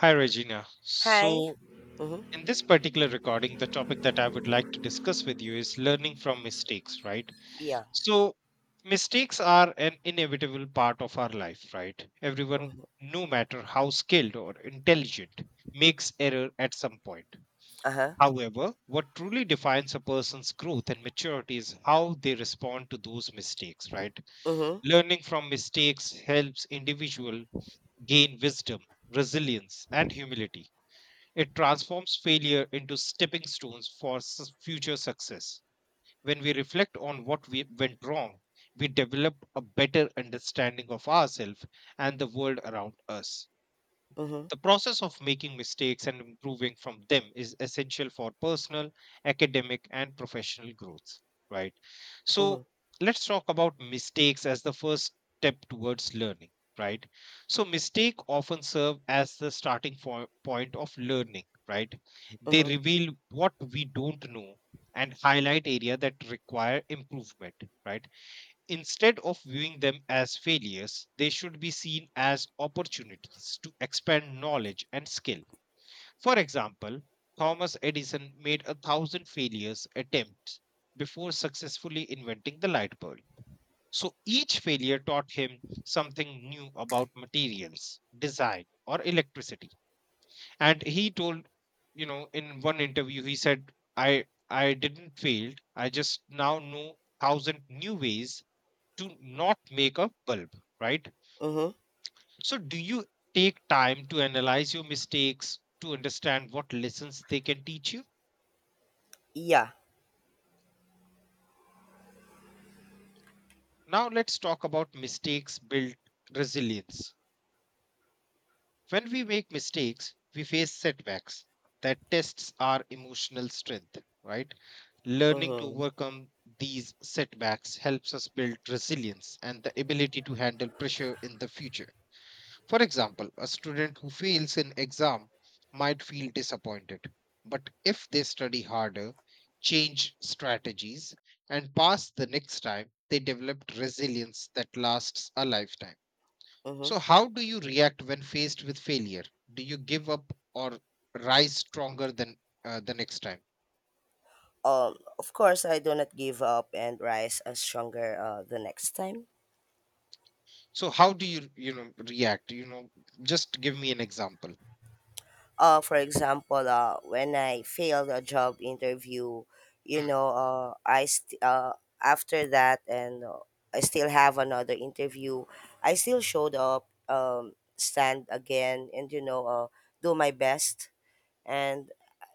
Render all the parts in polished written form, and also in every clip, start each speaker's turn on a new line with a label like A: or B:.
A: Hi, Regina.
B: Hi. Mm-hmm.
A: In this particular recording, the topic that I would like to discuss with you is learning from mistakes, right?
B: Yeah.
A: So, mistakes are an inevitable part of our life, right? Everyone,
B: Mm-hmm.
A: no matter how skilled or intelligent, makes error at some point.
B: Uh-huh.
A: However, what truly defines a person's growth and maturity is how they respond to those mistakes, right?
B: Mm-hmm.
A: Learning from mistakes helps individual gain wisdom, resilience, and humility it transforms failure into stepping stones for future success. When we reflect on what we went wrong, we develop a better understanding of ourselves and the world around us.
B: Mm-hmm.
A: The process of making mistakes and improving from them is essential for personal, academic, and professional growth, right? So
B: Mm-hmm.
A: let's talk about mistakes as the first step towards learning, right? So mistake often serve as the starting point of learning, right? They
B: Mm-hmm.
A: reveal what we don't know and highlight area that require improvement, right? Instead of viewing them as failures, they should be seen as opportunities to expand knowledge and skill for example, Thomas Edison made a thousand failures attempts before successfully inventing the light bulb. So each failure taught him something new about materials, design, or electricity. And he told, you know, in one interview, he said, I didn't fail. I just now know thousand new ways to not make a bulb, right?
B: Mm-hmm.
A: So do you take time to analyze your mistakes to understand what lessons they can teach you?
B: Yeah.
A: Now let's talk about mistakes build resilience. When we make mistakes, we face setbacks that tests our emotional strength, right? Learning to
B: Mm-hmm.
A: overcome these setbacks helps us build resilience and the ability to handle pressure in the future. For example, a student who fails in exam might feel disappointed, but if they study harder, change strategies, and pass the next time, they develop resilience that lasts a lifetime. So,
B: Mm-hmm.
A: how do you react when faced with failure? Do you give up or rise stronger than the next time?
B: Of course, I do not give up and rise stronger the next time.
A: So, how do you, you know, react? You know, just give me an example.
B: For example, when I failed a job interview, you
A: Hmm.
B: know, uh, I st- uh, after that and I still have another interview. I still showed up, stand again, and do my best and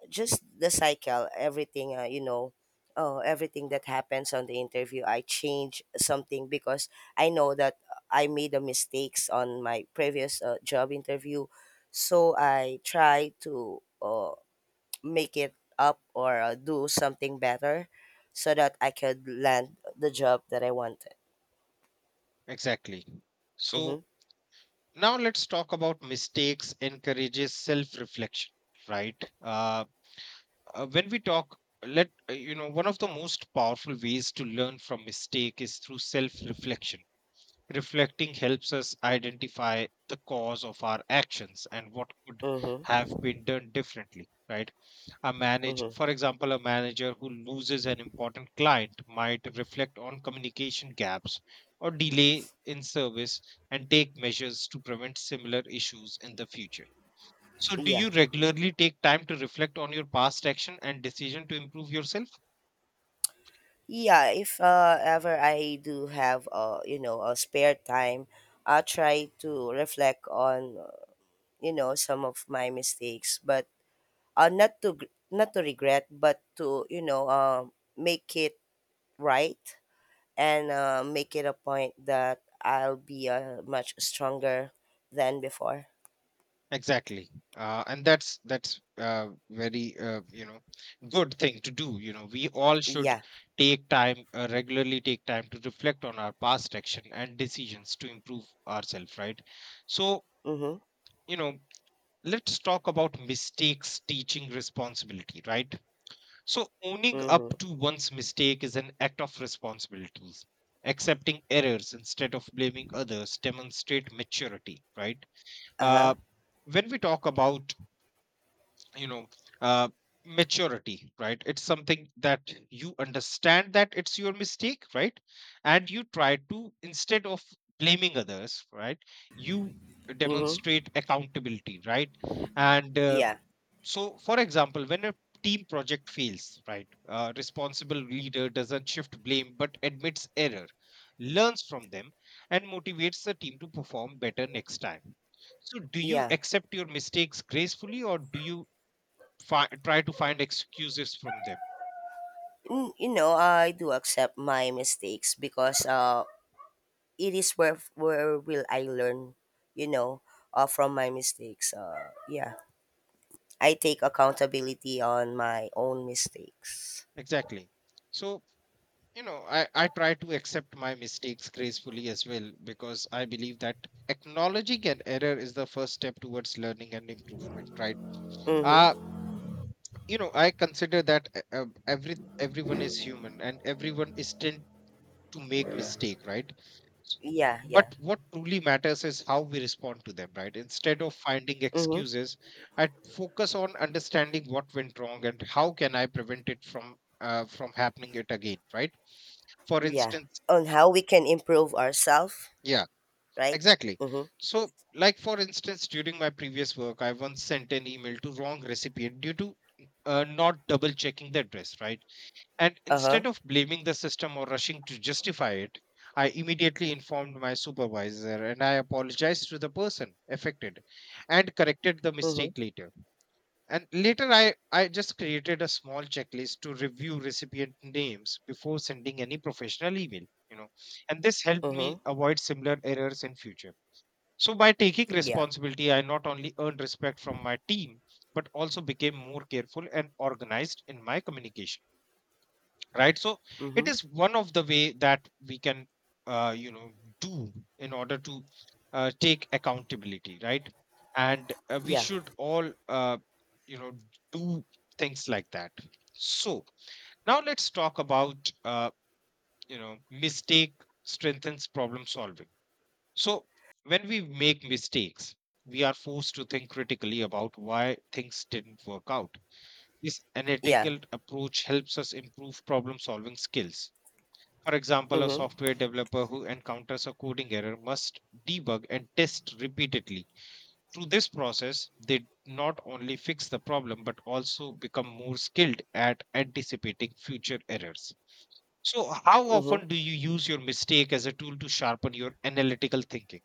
B: just the cycle, everything, everything that happens on the interview, I change something because I know that I made the mistakes on my previous job interview. So I try to make it up or do something better so that I could land the job that I wanted.
A: Exactly.
B: Mm-hmm.
A: So now let's talk about mistakes encourages self reflection right when we talk let you know one of the most powerful ways to learn from mistake is through self reflection reflecting helps us identify the cause of our actions and what could have
B: Mm-hmm.
A: been done differently right a manage
B: Mm-hmm.
A: for example a manager who loses an important client might reflect on communication gaps or delay in service and take measures to prevent similar issues in the future so do
B: Yeah.
A: you regularly take time to reflect on your past action and decision to improve yourself
B: Yeah, if ever I do have you know a spare time, I try to reflect on you know some of my mistakes, but not to not to regret, but to you know make it right and make it a point that I'll be much stronger than before.
A: Exactly, and that's very you know good thing to do. You know, we all should
B: Yeah.
A: take time regularly, take time to reflect on our past action and decisions to improve ourselves, right? So
B: Mhm.
A: you know, let's talk about mistakes teaching responsibility, right? So owning up
B: Mhm.
A: to one's mistake is an act of responsibilities. Accepting errors instead of blaming others demonstrate maturity, right?
B: Uh huh.
A: Uh, when we talk about you know uh, maturity right it's something that you understand that it's your mistake right and you try to instead of blaming others right you
B: Mhm.
A: demonstrate accountability right and
B: Yeah.
A: so for example when a team project fails right a responsible leader doesn't shift blame but admits error learns from them and motivates the team to perform better next time so do you
B: Yeah.
A: accept your mistakes gracefully or do you try to find excuses from them
B: You know, I do accept my mistakes because it is where will I learn, you know, from my mistakes. Yeah, I take accountability on my own mistakes.
A: exactly so you know I try to accept my mistakes gracefully as well because I believe that acknowledging an error is the first step towards learning and improvement right uh
B: Mm-hmm.
A: you know I consider that every everyone is human and everyone is tend to make mistake right
B: Yeah,
A: But
B: yeah.
A: what truly matters is how we respond to them, right? Instead of finding
B: Mm-hmm.
A: excuses, I focus on understanding what went wrong and how can I prevent it from happening it again, right? For
B: Yeah.
A: instance,
B: On how we can improve ourselves,
A: yeah,
B: right?
A: exactly.
B: Mm-hmm.
A: So, like for instance, during my previous work, I once sent an email to wrong recipient due to not double checking the address, right? And
B: Uh-huh.
A: instead of blaming the system or rushing to justify it, I immediately informed my supervisor and I apologized to the person affected and corrected the
B: Mm-hmm.
A: mistake later. And later, I just created a small checklist to review recipient names before sending any professional email, you know, and this helped
B: Mm-hmm.
A: me avoid similar errors in future. So by taking
B: Yeah.
A: responsibility, I not only earned respect from my team, but also became more careful and organized in my communication right so it
B: Mm-hmm.
A: is one of the way that we can you know do in order to take accountability right and we
B: Yeah.
A: should all you know do things like that so now let's talk about uh, you know mistake strengthens problem solving so when we make mistakes we are forced to think critically about why things didn't work out this
B: Yeah.
A: analytical approach helps us improve problem solving skills for example, a
B: Mm-hmm.
A: software developer who encounters a coding error must debug and test repeatedly. Through this process, they not only fix the problem but also become more skilled at anticipating future errors. So, how
B: Mm-hmm.
A: often do you use your mistake as a tool to sharpen your analytical thinking?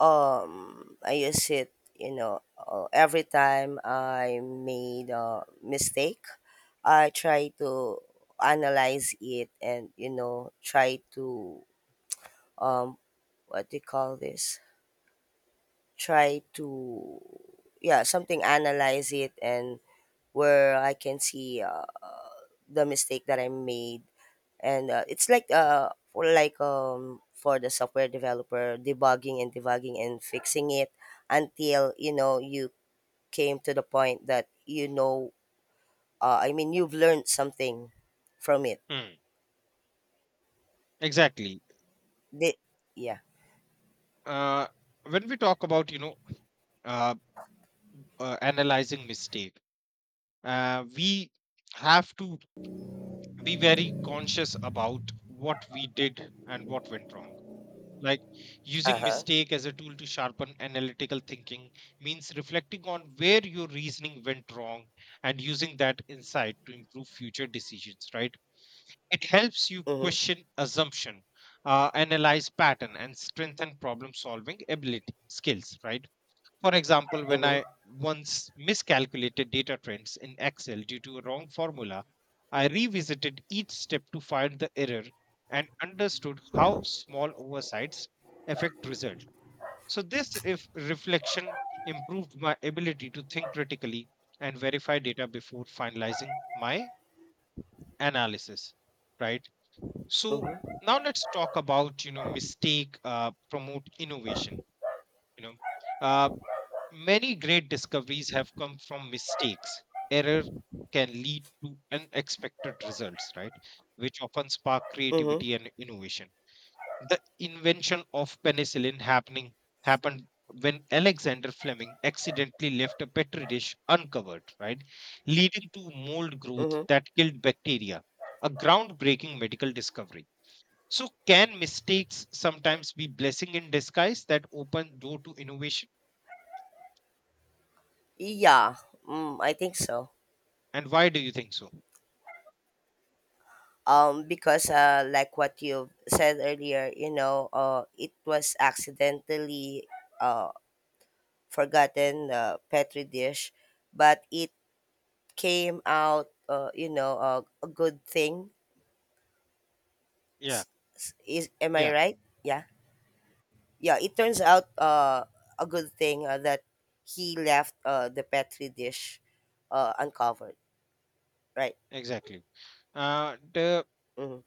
B: I use it, you know, every time I made a mistake, I try to analyze it, and you know try to, um what do you call this, try to, yeah, something, analyze it and where I can see the mistake that I made. And it's like, for like, for the software developer, debugging and debugging and fixing it until you know you came to the point that you know, I mean, you've learned something from it.
A: Hmm. Exactly.
B: Did yeah.
A: Uh, when we talk about you know uh, analyzing mistake, we have to be very conscious about what we did and what went wrong. Like
B: Uh
A: using
B: huh.
A: mistake as a tool to sharpen analytical thinking means reflecting on where your reasoning went wrong and using that insight to improve future decisions, right? It helps you
B: Mhm.
A: question assumption, analyze pattern, and strengthen problem solving ability skills, right? For example, when
B: Mhm.
A: I once miscalculated data trends in Excel due to a wrong formula, I revisited each step to find the error and understood how small oversights affect result. So this if reflection improved my ability to think critically and verify data before finalizing my analysis, right? So
B: Mhm.
A: now let's talk about you know mistake promote innovation. You know, uh, many great discoveries have come from mistakes. Error can lead to unexpected results, right? Which often spark
B: Mhm.
A: creativity and innovation. The invention of penicillin happening happened when Alexander Fleming accidentally left a petri dish uncovered, right? Leading to mold growth
B: Mhm.
A: that killed bacteria, a groundbreaking medical discovery. So, can mistakes sometimes be blessing in disguise that open door to innovation?
B: Yeah. Mm, I think so.
A: And why do you think so?
B: Because like what you said earlier, you know, it was accidentally uh forgotten petri dish, but it came out, you know, a good thing.
A: Yeah,
B: S- Is am I
A: yeah,
B: right? Yeah. Yeah, it turns out a good thing that he left the Petri dish uncovered, right?
A: exactly. The
B: Mm-hmm.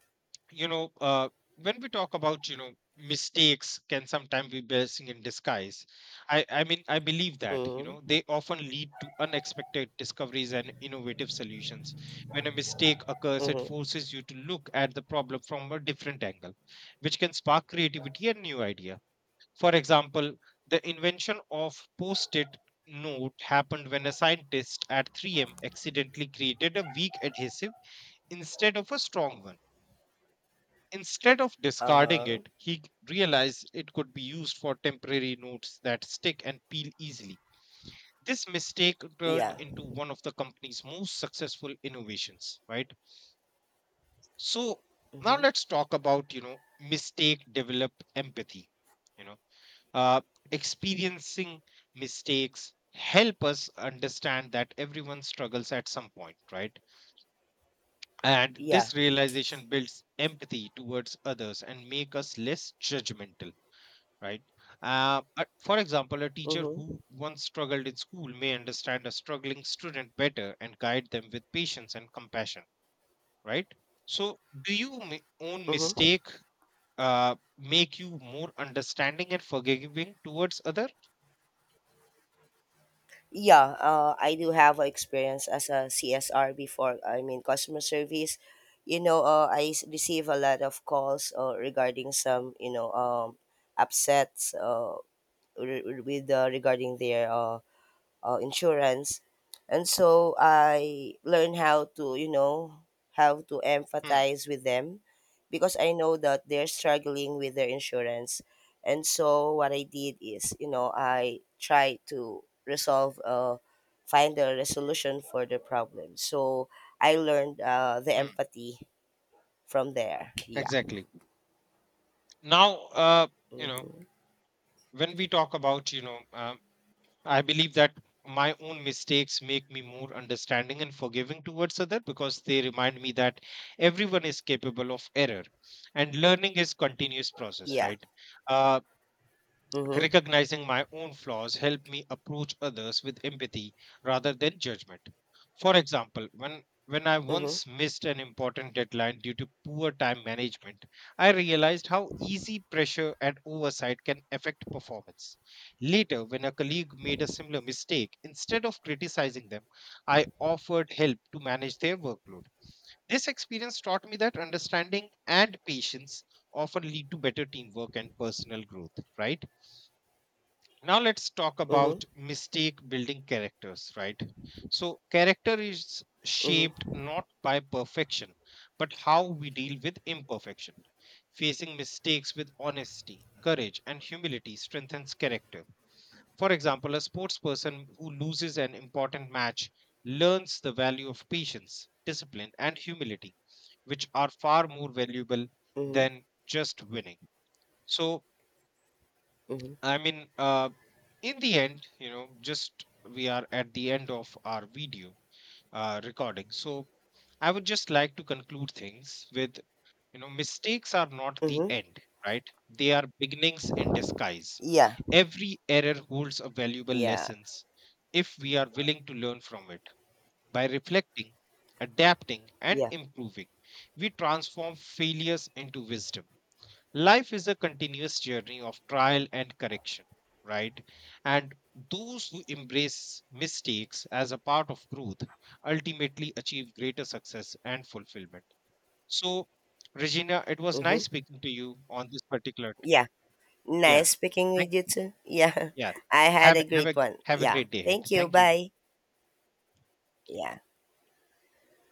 A: you know, when we talk about you know mistakes can sometimes be blessing in disguise. I mean I believe that you know
B: Mm-hmm.
A: they often lead to unexpected discoveries and innovative solutions. When a mistake occurs, it
B: Mm-hmm.
A: forces you to look at the problem from a different angle, which can spark creativity and new ideas. For example, the invention of post-it note happened when a scientist at 3M accidentally created a weak adhesive instead of a strong one. Instead of discarding
B: Uh-huh.
A: it, he realized it could be used for temporary notes that stick and peel easily. This mistake turned
B: Yeah.
A: into one of the company's most successful innovations, right? So now
B: Mm-hmm.
A: let's talk about, you know, mistake developed empathy. You know uh, experiencing mistakes help us understand that everyone struggles at some point right and
B: Yeah.
A: this realization builds empathy towards others and make us less judgmental right for example a teacher
B: Mm-hmm.
A: who once struggled in school may understand a struggling student better and guide them with patience and compassion right so do you own
B: Mm-hmm.
A: mistake make you more understanding and forgiving towards other
B: Yeah. I do have a experience as a CSR before. I mean, customer service. You know, receive a lot of calls regarding some, you know, upsets, re- re- with regarding their insurance. And so I learn how to, you know, how to
A: hmm.
B: empathize with them because I know that they're struggling with their insurance. And so what I did is, you know, I try to resolve, find a resolution for the problem. So I learned the
A: hmm.
B: empathy from there. Yeah.
A: Exactly. Now, you know, when we talk about, you know, I believe that my own mistakes make me more understanding and forgiving towards other because they remind me that everyone is capable of error and learning is continuous process,
B: Yeah.
A: right? Uh,
B: Mm-hmm.
A: Recognizing my own flaws helped me approach others with empathy rather than judgment. For example, when I
B: Mm-hmm.
A: once missed an important deadline due to poor time management, I realized how easy pressure and oversight can affect performance. Later, when a colleague made a similar mistake, instead of criticizing them, I offered help to manage their workload. This experience taught me that understanding and patience often lead to better teamwork and personal growth, right? Now let's talk
B: Mm-hmm.
A: about mistake building characters right so character is shaped
B: Mm-hmm.
A: not by perfection but how we deal with imperfection facing mistakes with honesty courage and humility strengthens character for example a sports person who loses an important match learns the value of patience discipline and humility which are far more valuable
B: Mm-hmm.
A: than just winning so
B: Mm-hmm.
A: I mean, in the end, you know, just we are at the end of our video recording. So I would just like to conclude things with, you know, mistakes are not the
B: Mm-hmm.
A: end, right? They are beginnings in disguise.
B: Yeah.
A: Every error holds a valuable
B: Yeah.
A: lessons if we are willing to learn from it. By reflecting, adapting, and
B: Yeah.
A: improving, we transform failures into wisdom. Life is a continuous journey of trial and correction, right? And those who embrace mistakes as a part of growth ultimately achieve greater success and fulfillment. So, Regina, it was
B: Mm-hmm.
A: nice speaking to you on this particular.
B: Yeah.
A: Yeah.
B: Nice speaking with
A: Thank.
B: you too. Yeah,
A: Yeah.
B: I had a
A: Have
B: great
A: a
B: one. Yeah,
A: great day ahead.
B: thank you.
A: Thank you.
B: Bye. Yeah.